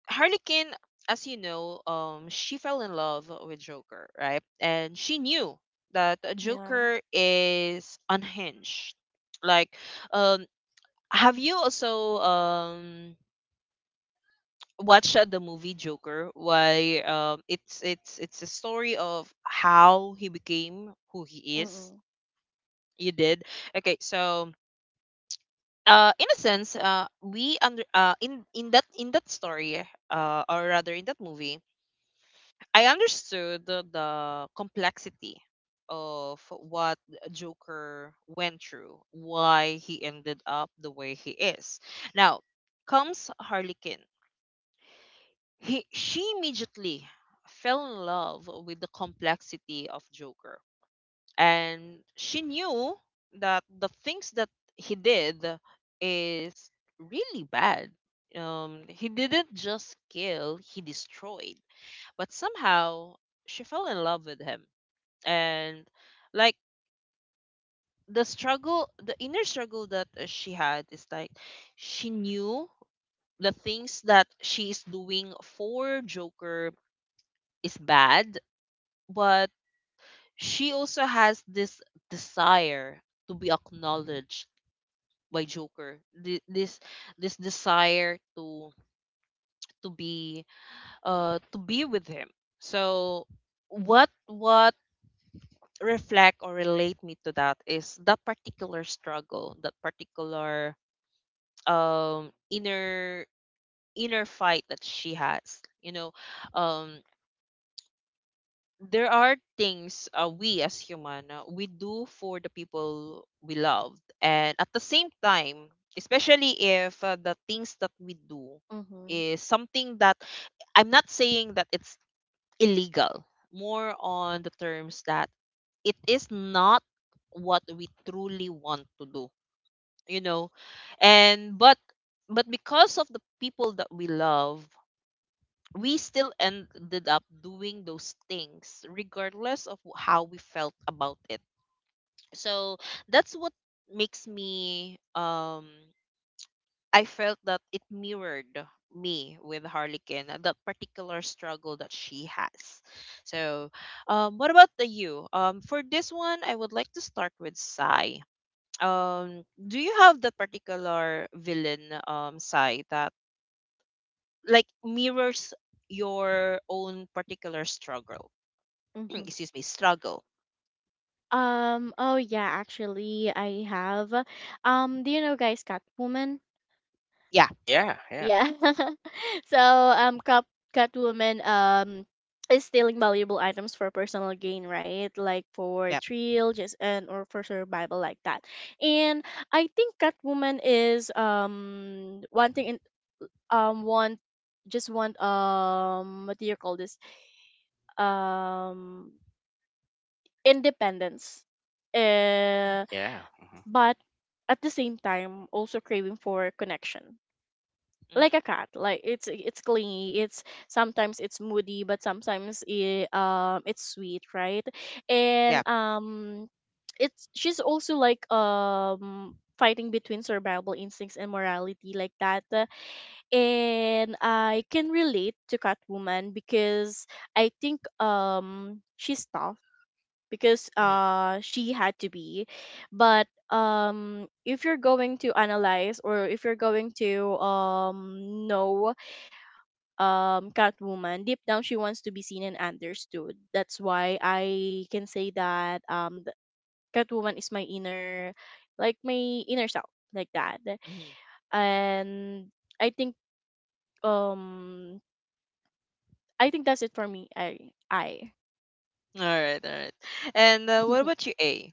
Harley Quinn, as you know, she fell in love with Joker, right? And she knew that
Yeah.
Joker is unhinged. Like, um, have you also watched, the movie Joker? Why, it's it's a story of how he became who he is.
Mm.
You did, okay, so, in a sense, we under in in that story, or rather in that movie, I understood the complexity of what Joker went through, why he ended up the way he is now. Comes Harley Quinn, he she immediately fell in love with the complexity of Joker, and she knew that the things that he did is really bad. Um, he didn't just kill, he destroyed, but somehow she fell in love with him. And, like, the struggle, the inner struggle that, she had is like, she knew the things that she is doing for Joker is bad, but she also has this desire to be acknowledged by Joker. This desire to be, to be with him. So what reflect or relate me to that is that particular struggle, that particular um inner inner fight that she has. You know, um there are things, we as human, we do for the people we love, and at the same time, especially if, the things that we do
Mm-hmm.
is something that, I'm not saying that it's illegal, more on the terms that it is not what we truly want to do, you know, and but, because of the people that we love, we still ended up doing those things regardless of how we felt about it. So that's what makes me, I felt that it mirrored me with Harlequin, that particular struggle that she has. So, what about the, you, for this one I would like to start with Sai. Um, do you have that particular villain, Sai, that, like, mirrors your own particular struggle?
Mm-hmm.
Excuse me, struggle.
Oh yeah, actually I have, do you know, guys, Catwoman?
Yeah,
Yeah, yeah,
Yeah. So um Cat Catwoman is stealing valuable items for personal gain, right? Like for
yeah,
thrill, just, and or for survival, like that. And I think Catwoman is wanting, in want just want what do you call this? Um Independence. Uh
yeah.
but at the same time also craving for connection, like a
hmm,
cat, like, it's clingy, it's sometimes it's moody, but sometimes, it's sweet, right.
yeah.
And it's she's also, like, fighting between survival instincts and morality, like that. And I can relate to Catwoman because I think she's tough because
Mm-hmm.
she had to be. But if you're going to analyze, or if you're going to know, Catwoman deep down she wants to be seen and understood. That's why I can say that, Catwoman is my inner, like, my inner self, like that.
Hmm.
And I think um I think that's it for me, I.
All right, all right. And what about you, A?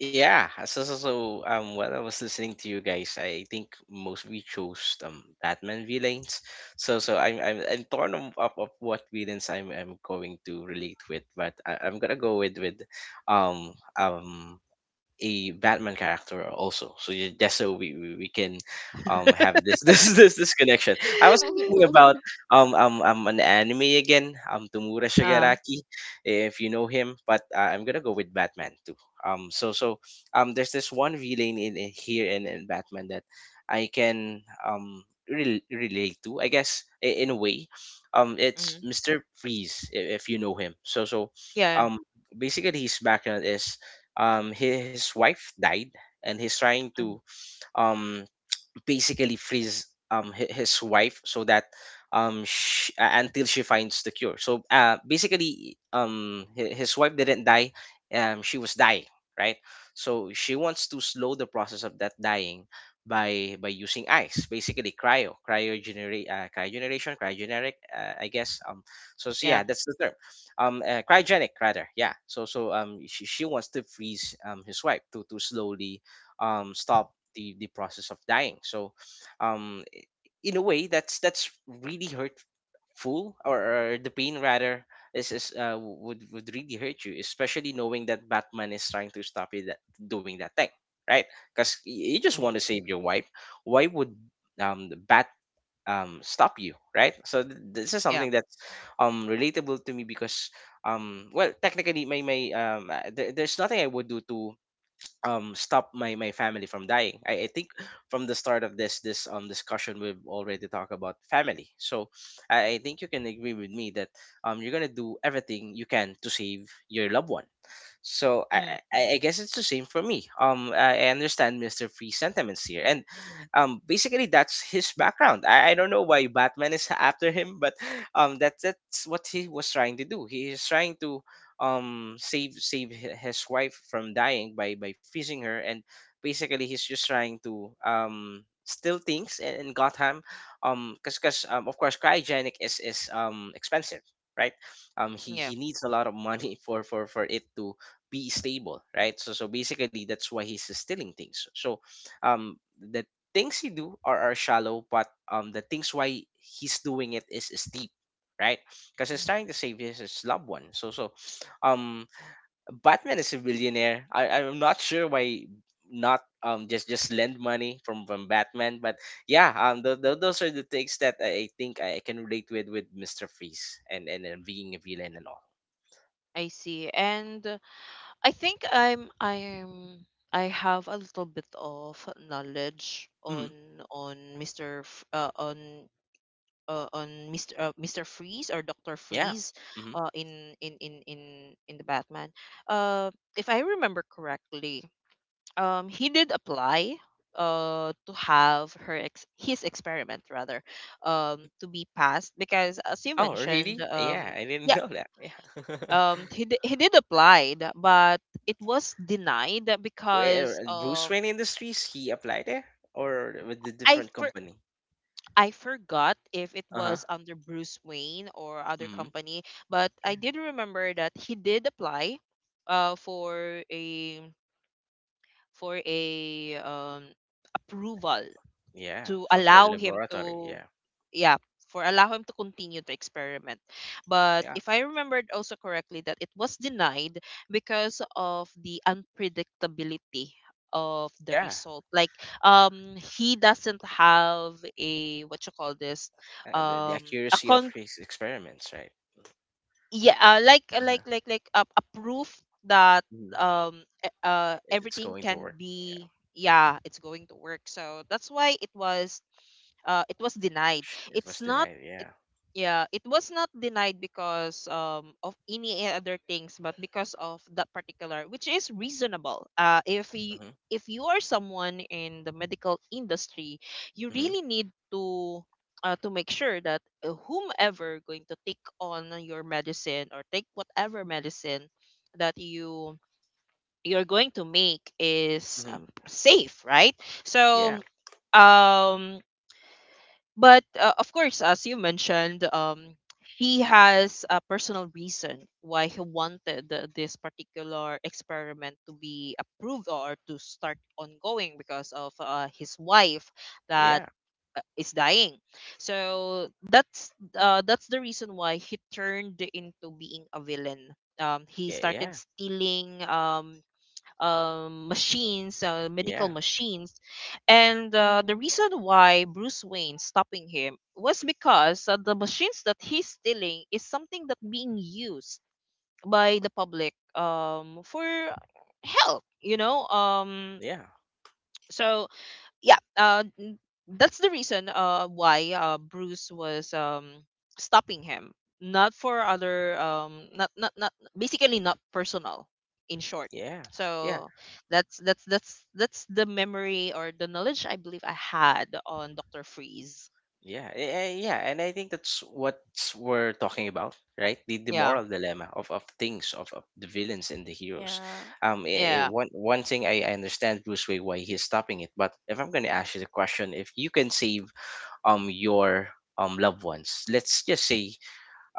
Yeah, so while I was listening to you guys, I think most we chose Batman villains. So so I'm torn of what villains I'm going to relate with, but I'm gonna go with um um a Batman character also. So yeah, that's so we can have this this connection. I was thinking about an anime again, Tomura
Uh,
Shigaraki, if you know him, but I'm gonna go with Batman too. Um so so there's this one villain in here in Batman that I can relate to, I guess, in a way. Um, it's
mm-hmm.
Mr. Freeze, if you know him. So so
Yeah,
um basically his background is his wife died, and he's trying
mm-hmm.
to um basically frees his wife so that sh until she finds the cure. So basically his wife didn't die, she was dying, right? So she wants to slow the process of that dying by using ice, basically cryo cryogenera- cryogeneration cryogenic, I guess. So, so
Yeah,
yeah, that's the term, cryogenic rather. Yeah, so so she wants to freeze his wife to slowly stop the process of dying. So um in a way that's really hurtful, or the pain rather is would really hurt you, especially knowing that Batman is trying to stop you that doing that thing, right? Because you just want
mm-hmm.
to save your wife. Why would the bat stop you, right? So this is
Yeah,
something that's relatable to me because well technically there's nothing I would do to stop my family from dying. I think from the start of this discussion we've already talked about family, so I think you can agree with me that you're gonna do everything you can to save your loved one. So
mm-hmm.
I guess it's the same for me. I understand Mister Freeze sentiments here, and basically that's his background. I don't know why Batman is after him, but that's what he was trying to do. He is trying to save his wife from dying by freezing her, and basically he's just trying to steal things in Gotham, 'cause, of course cryogenic is expensive, right?
Yeah.
He needs a lot of money for it to be stable, right? So so basically that's why he's stealing things. So the things he do are shallow, but the things why he's doing it is deep, right? Because he's trying to
Mm-hmm.
save his loved one. So so um Batman is a billionaire. I'm not sure why not just lend money from Batman. But yeah, those are the things that I think I can relate with Mister Freeze, and being a villain and all.
I see. And I think I'm I have a little bit of knowledge on
Hmm.
Mr. F- on Mr. Mr. Freeze or Doctor
Yeah.
Freeze,
Mm-hmm.
uh, in in in in in the Batman. Uh, if I remember correctly, he did apply to have his experiment rather, to be passed because, as you
Oh,
mentioned,
really? Yeah, I didn't
yeah
know that. Yeah.
he he did apply, but it was denied
Where,
because,
Bruce Wayne Industries, he applied there, or with the
I
different
for
company?
I forgot if it
Uh-huh.
was under Bruce Wayne or other
Mm-hmm.
company, but
Yeah.
I did remember that he did apply for a, for a, approval
Yeah,
to
for
allow him
laboratory.
to,
Yeah.
yeah, for allow him to continue to experiment, but
Yeah.
if I remembered also correctly, that it was denied because of the unpredictability of the
Yeah.
result, like, um he doesn't have a, what you call this,
The
um a
accuracy of his experiments, right?
yeah like, uh, like
Uh-huh.
like like a proof that,
Hmm.
um
It's
everything
going to
can
work. Yeah.
be, yeah, it's going to work. So that's why it was, it was denied.
Sh- It
It's
was
not,
denied.
it,
Yeah.
yeah, it was not denied because, of any other things, but because of that particular, which is reasonable. Uh, if you,
Mm-hmm.
if you are someone in the medical industry, you
Mm-hmm.
really need to, to make sure that, whomever going to take on your medicine or take whatever medicine that you're going to make is,
Mm-hmm.
safe, right? So,
Yeah.
um but, of course, as you mentioned, he has a personal reason why he wanted the, this particular experiment to be approved or to start ongoing because of, his wife that,
Yeah.
is dying. So that's, that's the reason why he turned into being a villain. He
Yeah.
started
Yeah.
stealing machines, medical
Yeah.
machines,
Mm-hmm.
and, the
Mhm.
reason why Bruce Wayne stopping him was because, the machines that he's stealing is something that being used by the public, for help. You know,
Yeah.
so yeah, that's the reason, why, Bruce was, stopping him, not for other, not basically not personal, in short.
Yeah. Yeah.
So that's the memory or the knowledge I believe I had on Doctor Freeze.
Yeah, yeah, and I think that's what we're talking about, right? The
Yeah,
moral dilemma of things, of the villains and the heroes.
Yeah.
yeah.
One thing I understand Bruce Wayne why he's stopping it, but if I'm gonna ask you the question, if you can save your loved ones, let's just say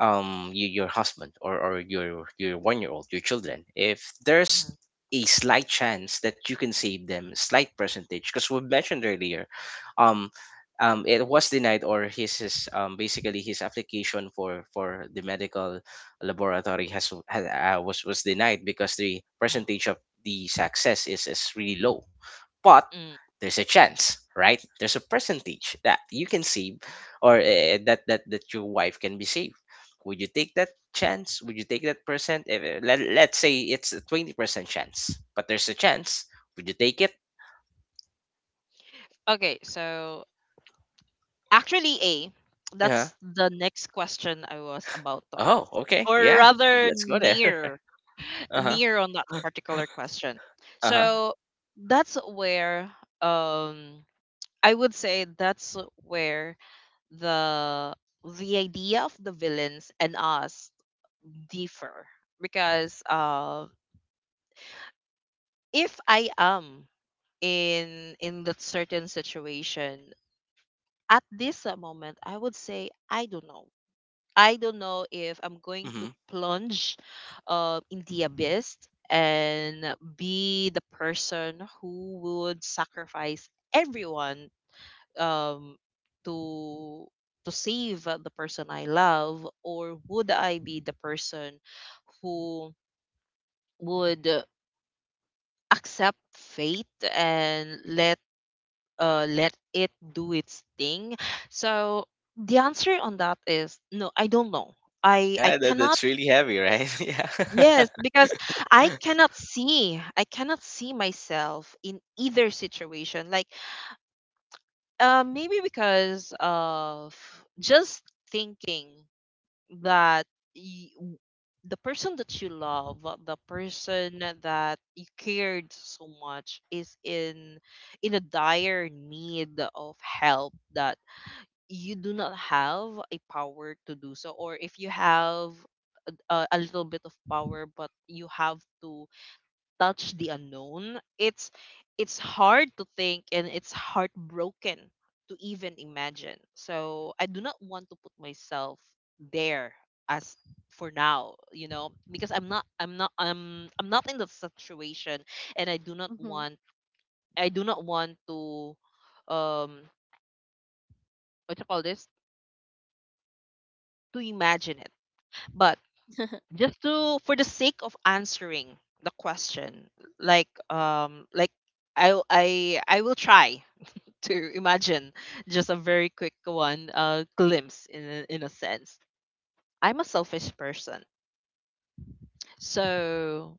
your husband, or your 1-year-old old your children, if
Hmm.
there's a slight chance that you can save them, slight percentage because we mentioned earlier um it was denied, or his basically his application for the medical laboratory has was denied because the percentage of the success is really low, but
Hmm.
there's a chance, right? There's a percentage that you can save, or that your wife can be saved. Would you take that chance? Would you take that percent? If it- let's say it's a 20% chance, but there's a chance. Would you take it?
Okay, so, actually, A,
Yeah.
that's the next question I was about to
Oh,
ask,
okay.
or
Yeah.
rather,
Let's go there.
near,
Uh-huh.
near on that particular question.
Uh-huh.
So that's where um I would say that's where the the idea of the villains and us differ because if I am in that certain situation at this moment, I would say I don't know. I don't know if I'm going
Hmm.
to plunge in the abyss and be the person who would sacrifice everyone, um, to save the person I love, or would I be the person who would accept fate and let let it do its thing? So the answer on that is no, I don't know. I I
Yeah, that,
cannot
that's really heavy, right? Yeah.
Yes, because I cannot see myself in either situation. Like, maybe because of just thinking that y w the person that you love, the person that you cared so much, is in a dire need of help that you do not have a power to do so, or if you have a little bit of power, but you have to touch the unknown, it's hard to think and it's heartbroken to even imagine. So I do not want to put myself there as for now, you know, because I'm not in the situation and I do not
Mhm.
want. I do not want to um what you call this, to imagine it. But just to, for the sake of answering the question, like like I will try to imagine just a very quick one, glimpse in a sense. I'm a selfish person, so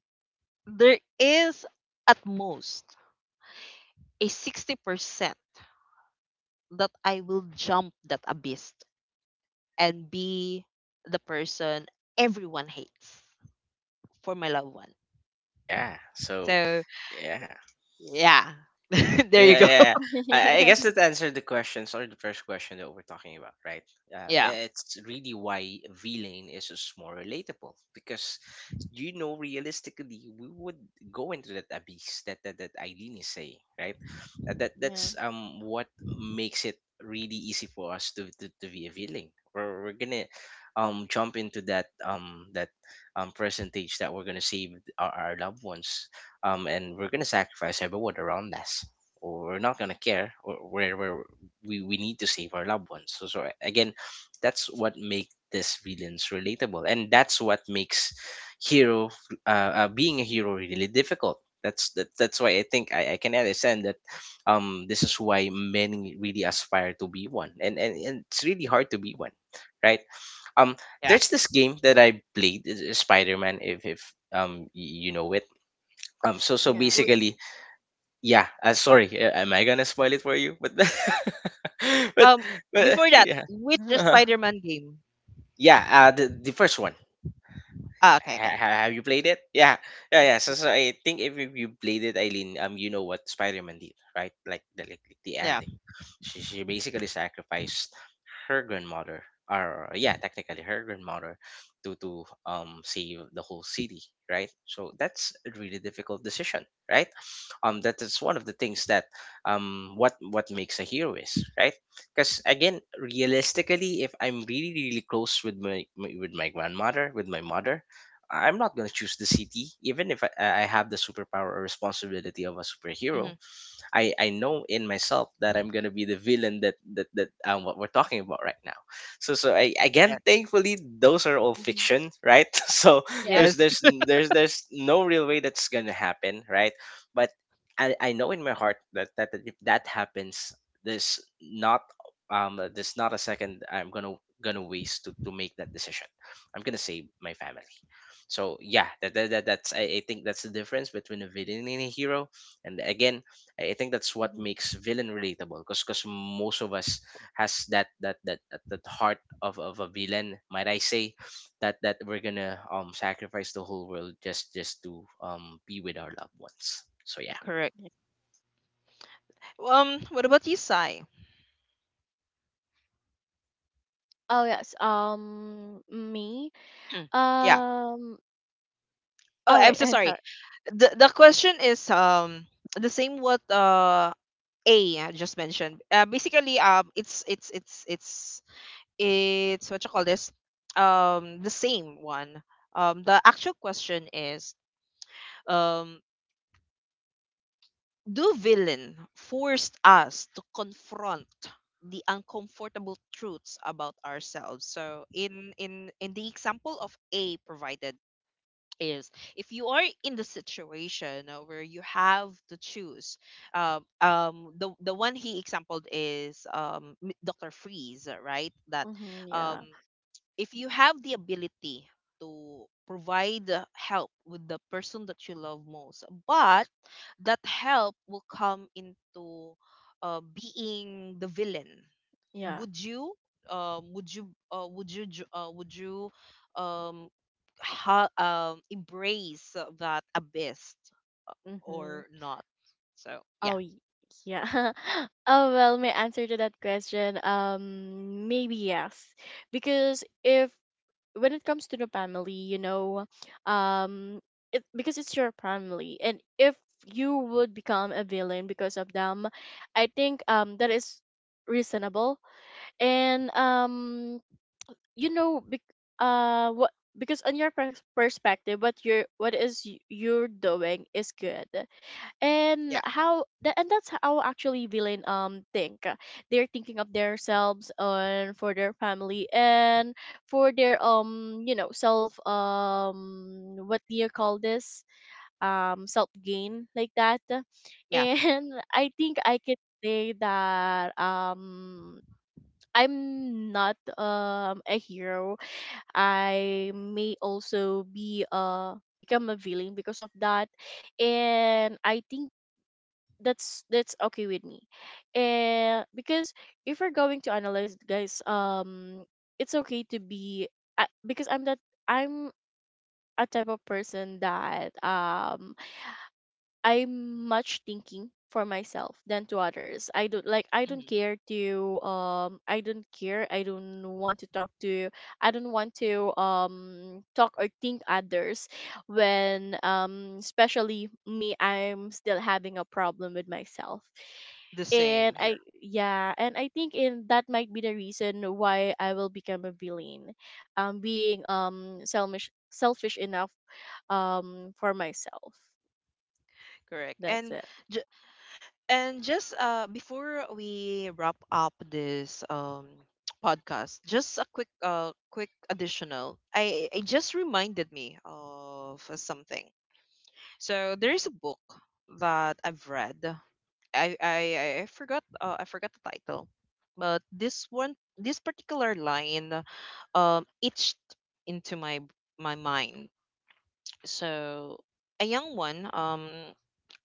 there is at most a 60% that I will jump that abyss and be the person everyone hates for my loved one.
Yeah. So,
So
yeah.
yeah,
Yeah,
there you
yeah.
go.
Yeah. I guess that answered the questions or the first question that we're talking about, right?
Yeah,
It's really why V-Lane is just more relatable because you know realistically we would go into that abyss that that Eileen is saying, right?
Yeah.
That's what makes it really easy for us to to be a V-Lane. We're gonna jump into that percentage that we're gonna save our loved ones, and we're gonna sacrifice everyone around us or we're not gonna care or we need to save our loved ones. So, so again, that's what makes these villains relatable, and that's what makes hero being a hero really difficult. That's why I think I can understand that. Um, this is why many really aspire to be one, and and it's really hard to be one, right? Um,
yeah.
there's this game that I played is Spider-Man, if you know it.
Yeah.
Wi-
Basically, yeah, sorry. Am I gonna spoil it for you? But but
um
but
Before that,
yeah.
which
Uh-huh.
Spider-Man game?
Yeah, the first one.
Ah, okay, okay.
Have you played it? Yeah, yeah, yeah. So, so I think if you played it, Eileen, you know what Spider-Man did, right? Like the the
Yeah.
ending, she basically sacrificed her grandmother, or yeah, technically her grandmother, to save the whole city, right? So that's a really difficult decision, right? That is one of the things that what makes a hero is, right? Because again, realistically, if I'm really really close with my grandmother, with my mother, I'm not going to choose the city, even if I have the superpower or responsibility of a superhero.
Hmm.
I know in myself that I'm gonna be the villain that what we're talking about right now. So so
Yeah.
again, thankfully those are all
Mhm.
fiction, right? So
Yeah.
there's
Yes.
no real way that's gonna happen, right? But I know in my heart that that if that happens, there's not there's not a second I'm gonna waste to make that decision. I'm gonna save my family. So yeah, that's I think that's the difference between a villain and a hero. And again, I think that's what
Mhm.
makes villain relatable, because most of us has that heart of a villain, might I say, that we're gonna sacrifice the whole world just to be with our loved ones. So yeah.
Correct.
Yeah.
What about you, Sai?
Oh yes. Me.
Yeah.
Um.
Oh,
All
I'm
right.
so
I'm
sorry.
sorry.
The question is the same what A just mentioned. Basically, it's what you call this, the same one. The actual question is, um do villain forced us to confront the uncomfortable truths about ourselves? So in the example of a provided is if you are in the situation where you have to choose the one he exampled is Dr. Freeze, right? That
Mm-hmm,
um
yeah.
if you have the ability to provide help with the person that you love most, but that help will come into being the villain,
Yeah.
would you would you would you jo- would you um ha- embrace that abyss
Mm-hmm.
or not? So yeah.
Oh, yeah. Oh well. My answer to that question. Maybe yes. Because, if when it comes to the family, you know, um, because it's your family, and if you would become a villain because of them, I think that is reasonable. And you know, what, because on your perspective, what you're what is y- you're doing is good, and
Yeah,
that's how actually villain think. They're thinking of themselves and for their family, and for their, you know, self, what do you call this, self gain, like that.
yeah.
And I think I can say that, I'm not a hero. I may also be, become a villain because of that. And I think that's okay with me. And because, if we're going to analyze, guys, it's okay to be, because I'm a type of person that, I'm much thinking for myself than to others. I don't
Mhm.
care to, I don't care. I don't want to talk or think others, when, especially me, I'm still having a problem with myself.
The same
And,
here.
I yeah, and I think in that might be the reason why I will become a villain. Being selfish enough for myself.
Correct.
That's
And
it.
ju- and just before we wrap up this podcast, just a quick quick additional, I it just reminded me of something. So there is a book that I've read. I forgot, I forgot the title, but this one, this particular line itched into my, my mind. So a young one,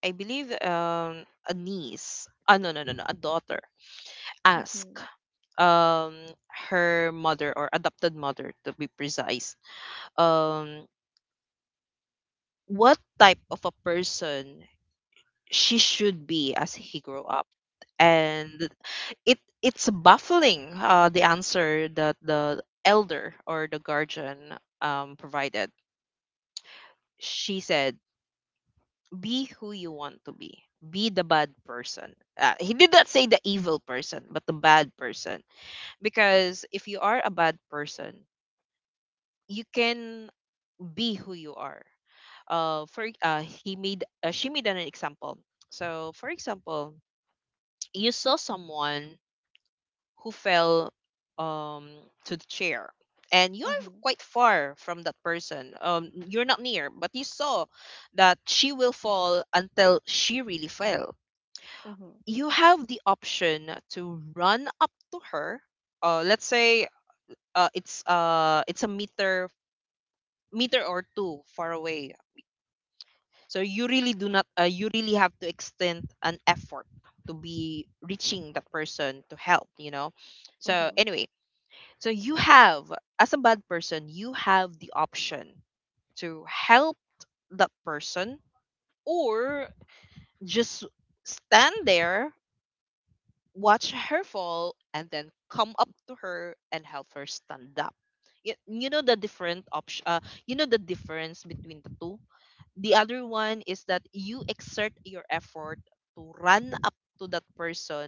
I believe a niece, ah no no no no a daughter, ask
Mhm.
um her mother or adopted mother, to be precise, um what type of a person she should be as he grow up. And it, it's baffling, the answer that the elder or the guardian, provided. She said, "Be who you want to be. Be the bad person." He did not say the evil person, but the bad person, because if you are a bad person, you can be who you are. For he made she made an example. So, for example, you saw someone who fell, um, to the chair. And you're
Mhm.
quite far from that person. You're not near, but you saw that she will fall until she really fell.
Mhm.
You have the option to run up to her. Let's say it's a meter or two far away. So you really do not, you really have to extend an effort to be reaching that person to help. You know. So
Mhm.
anyway, so you have, as a bad person, you have the option to help that person or just stand there, watch her fall, and then come up to her and help her stand up. You know the different option. You know the difference between the two. The other one is that you exert your effort to run up to that person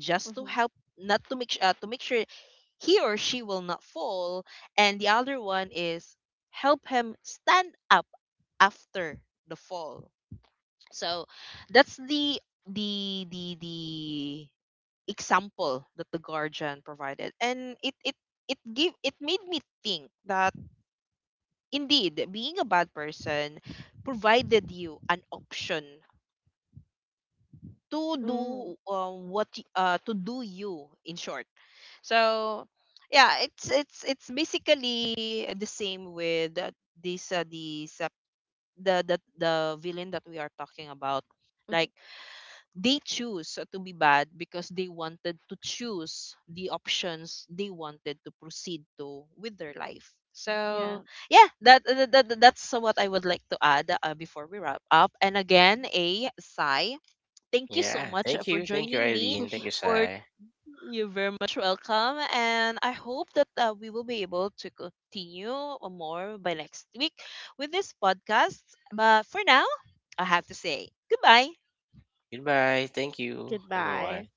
just to
Mhm.
help, not to make, to make sure he or she will not fall. And the other one is help him stand up after the fall. So that's the, the the the example that the guardian provided. And it gave it made me think that indeed, being a bad person provided you an option to
Mm.
do what to do you, in short. So yeah, it's basically the same with, this these the villain that we are talking about. Like
Mhm.
they choose to be bad because they wanted to choose the options they wanted to proceed to with their life. So
Yeah.
yeah, that, that's what I would like to add, before we wrap up. And again, a sigh. Thank you so
Yeah,
much
thank
for
you, thank you
joining me.
Eileen, thank you
For
Sai.
you're very much welcome, and I hope that we will be able to continue more by next week with this podcast. But for now, I have to say goodbye.
Goodbye, thank you everyone.
Goodbye.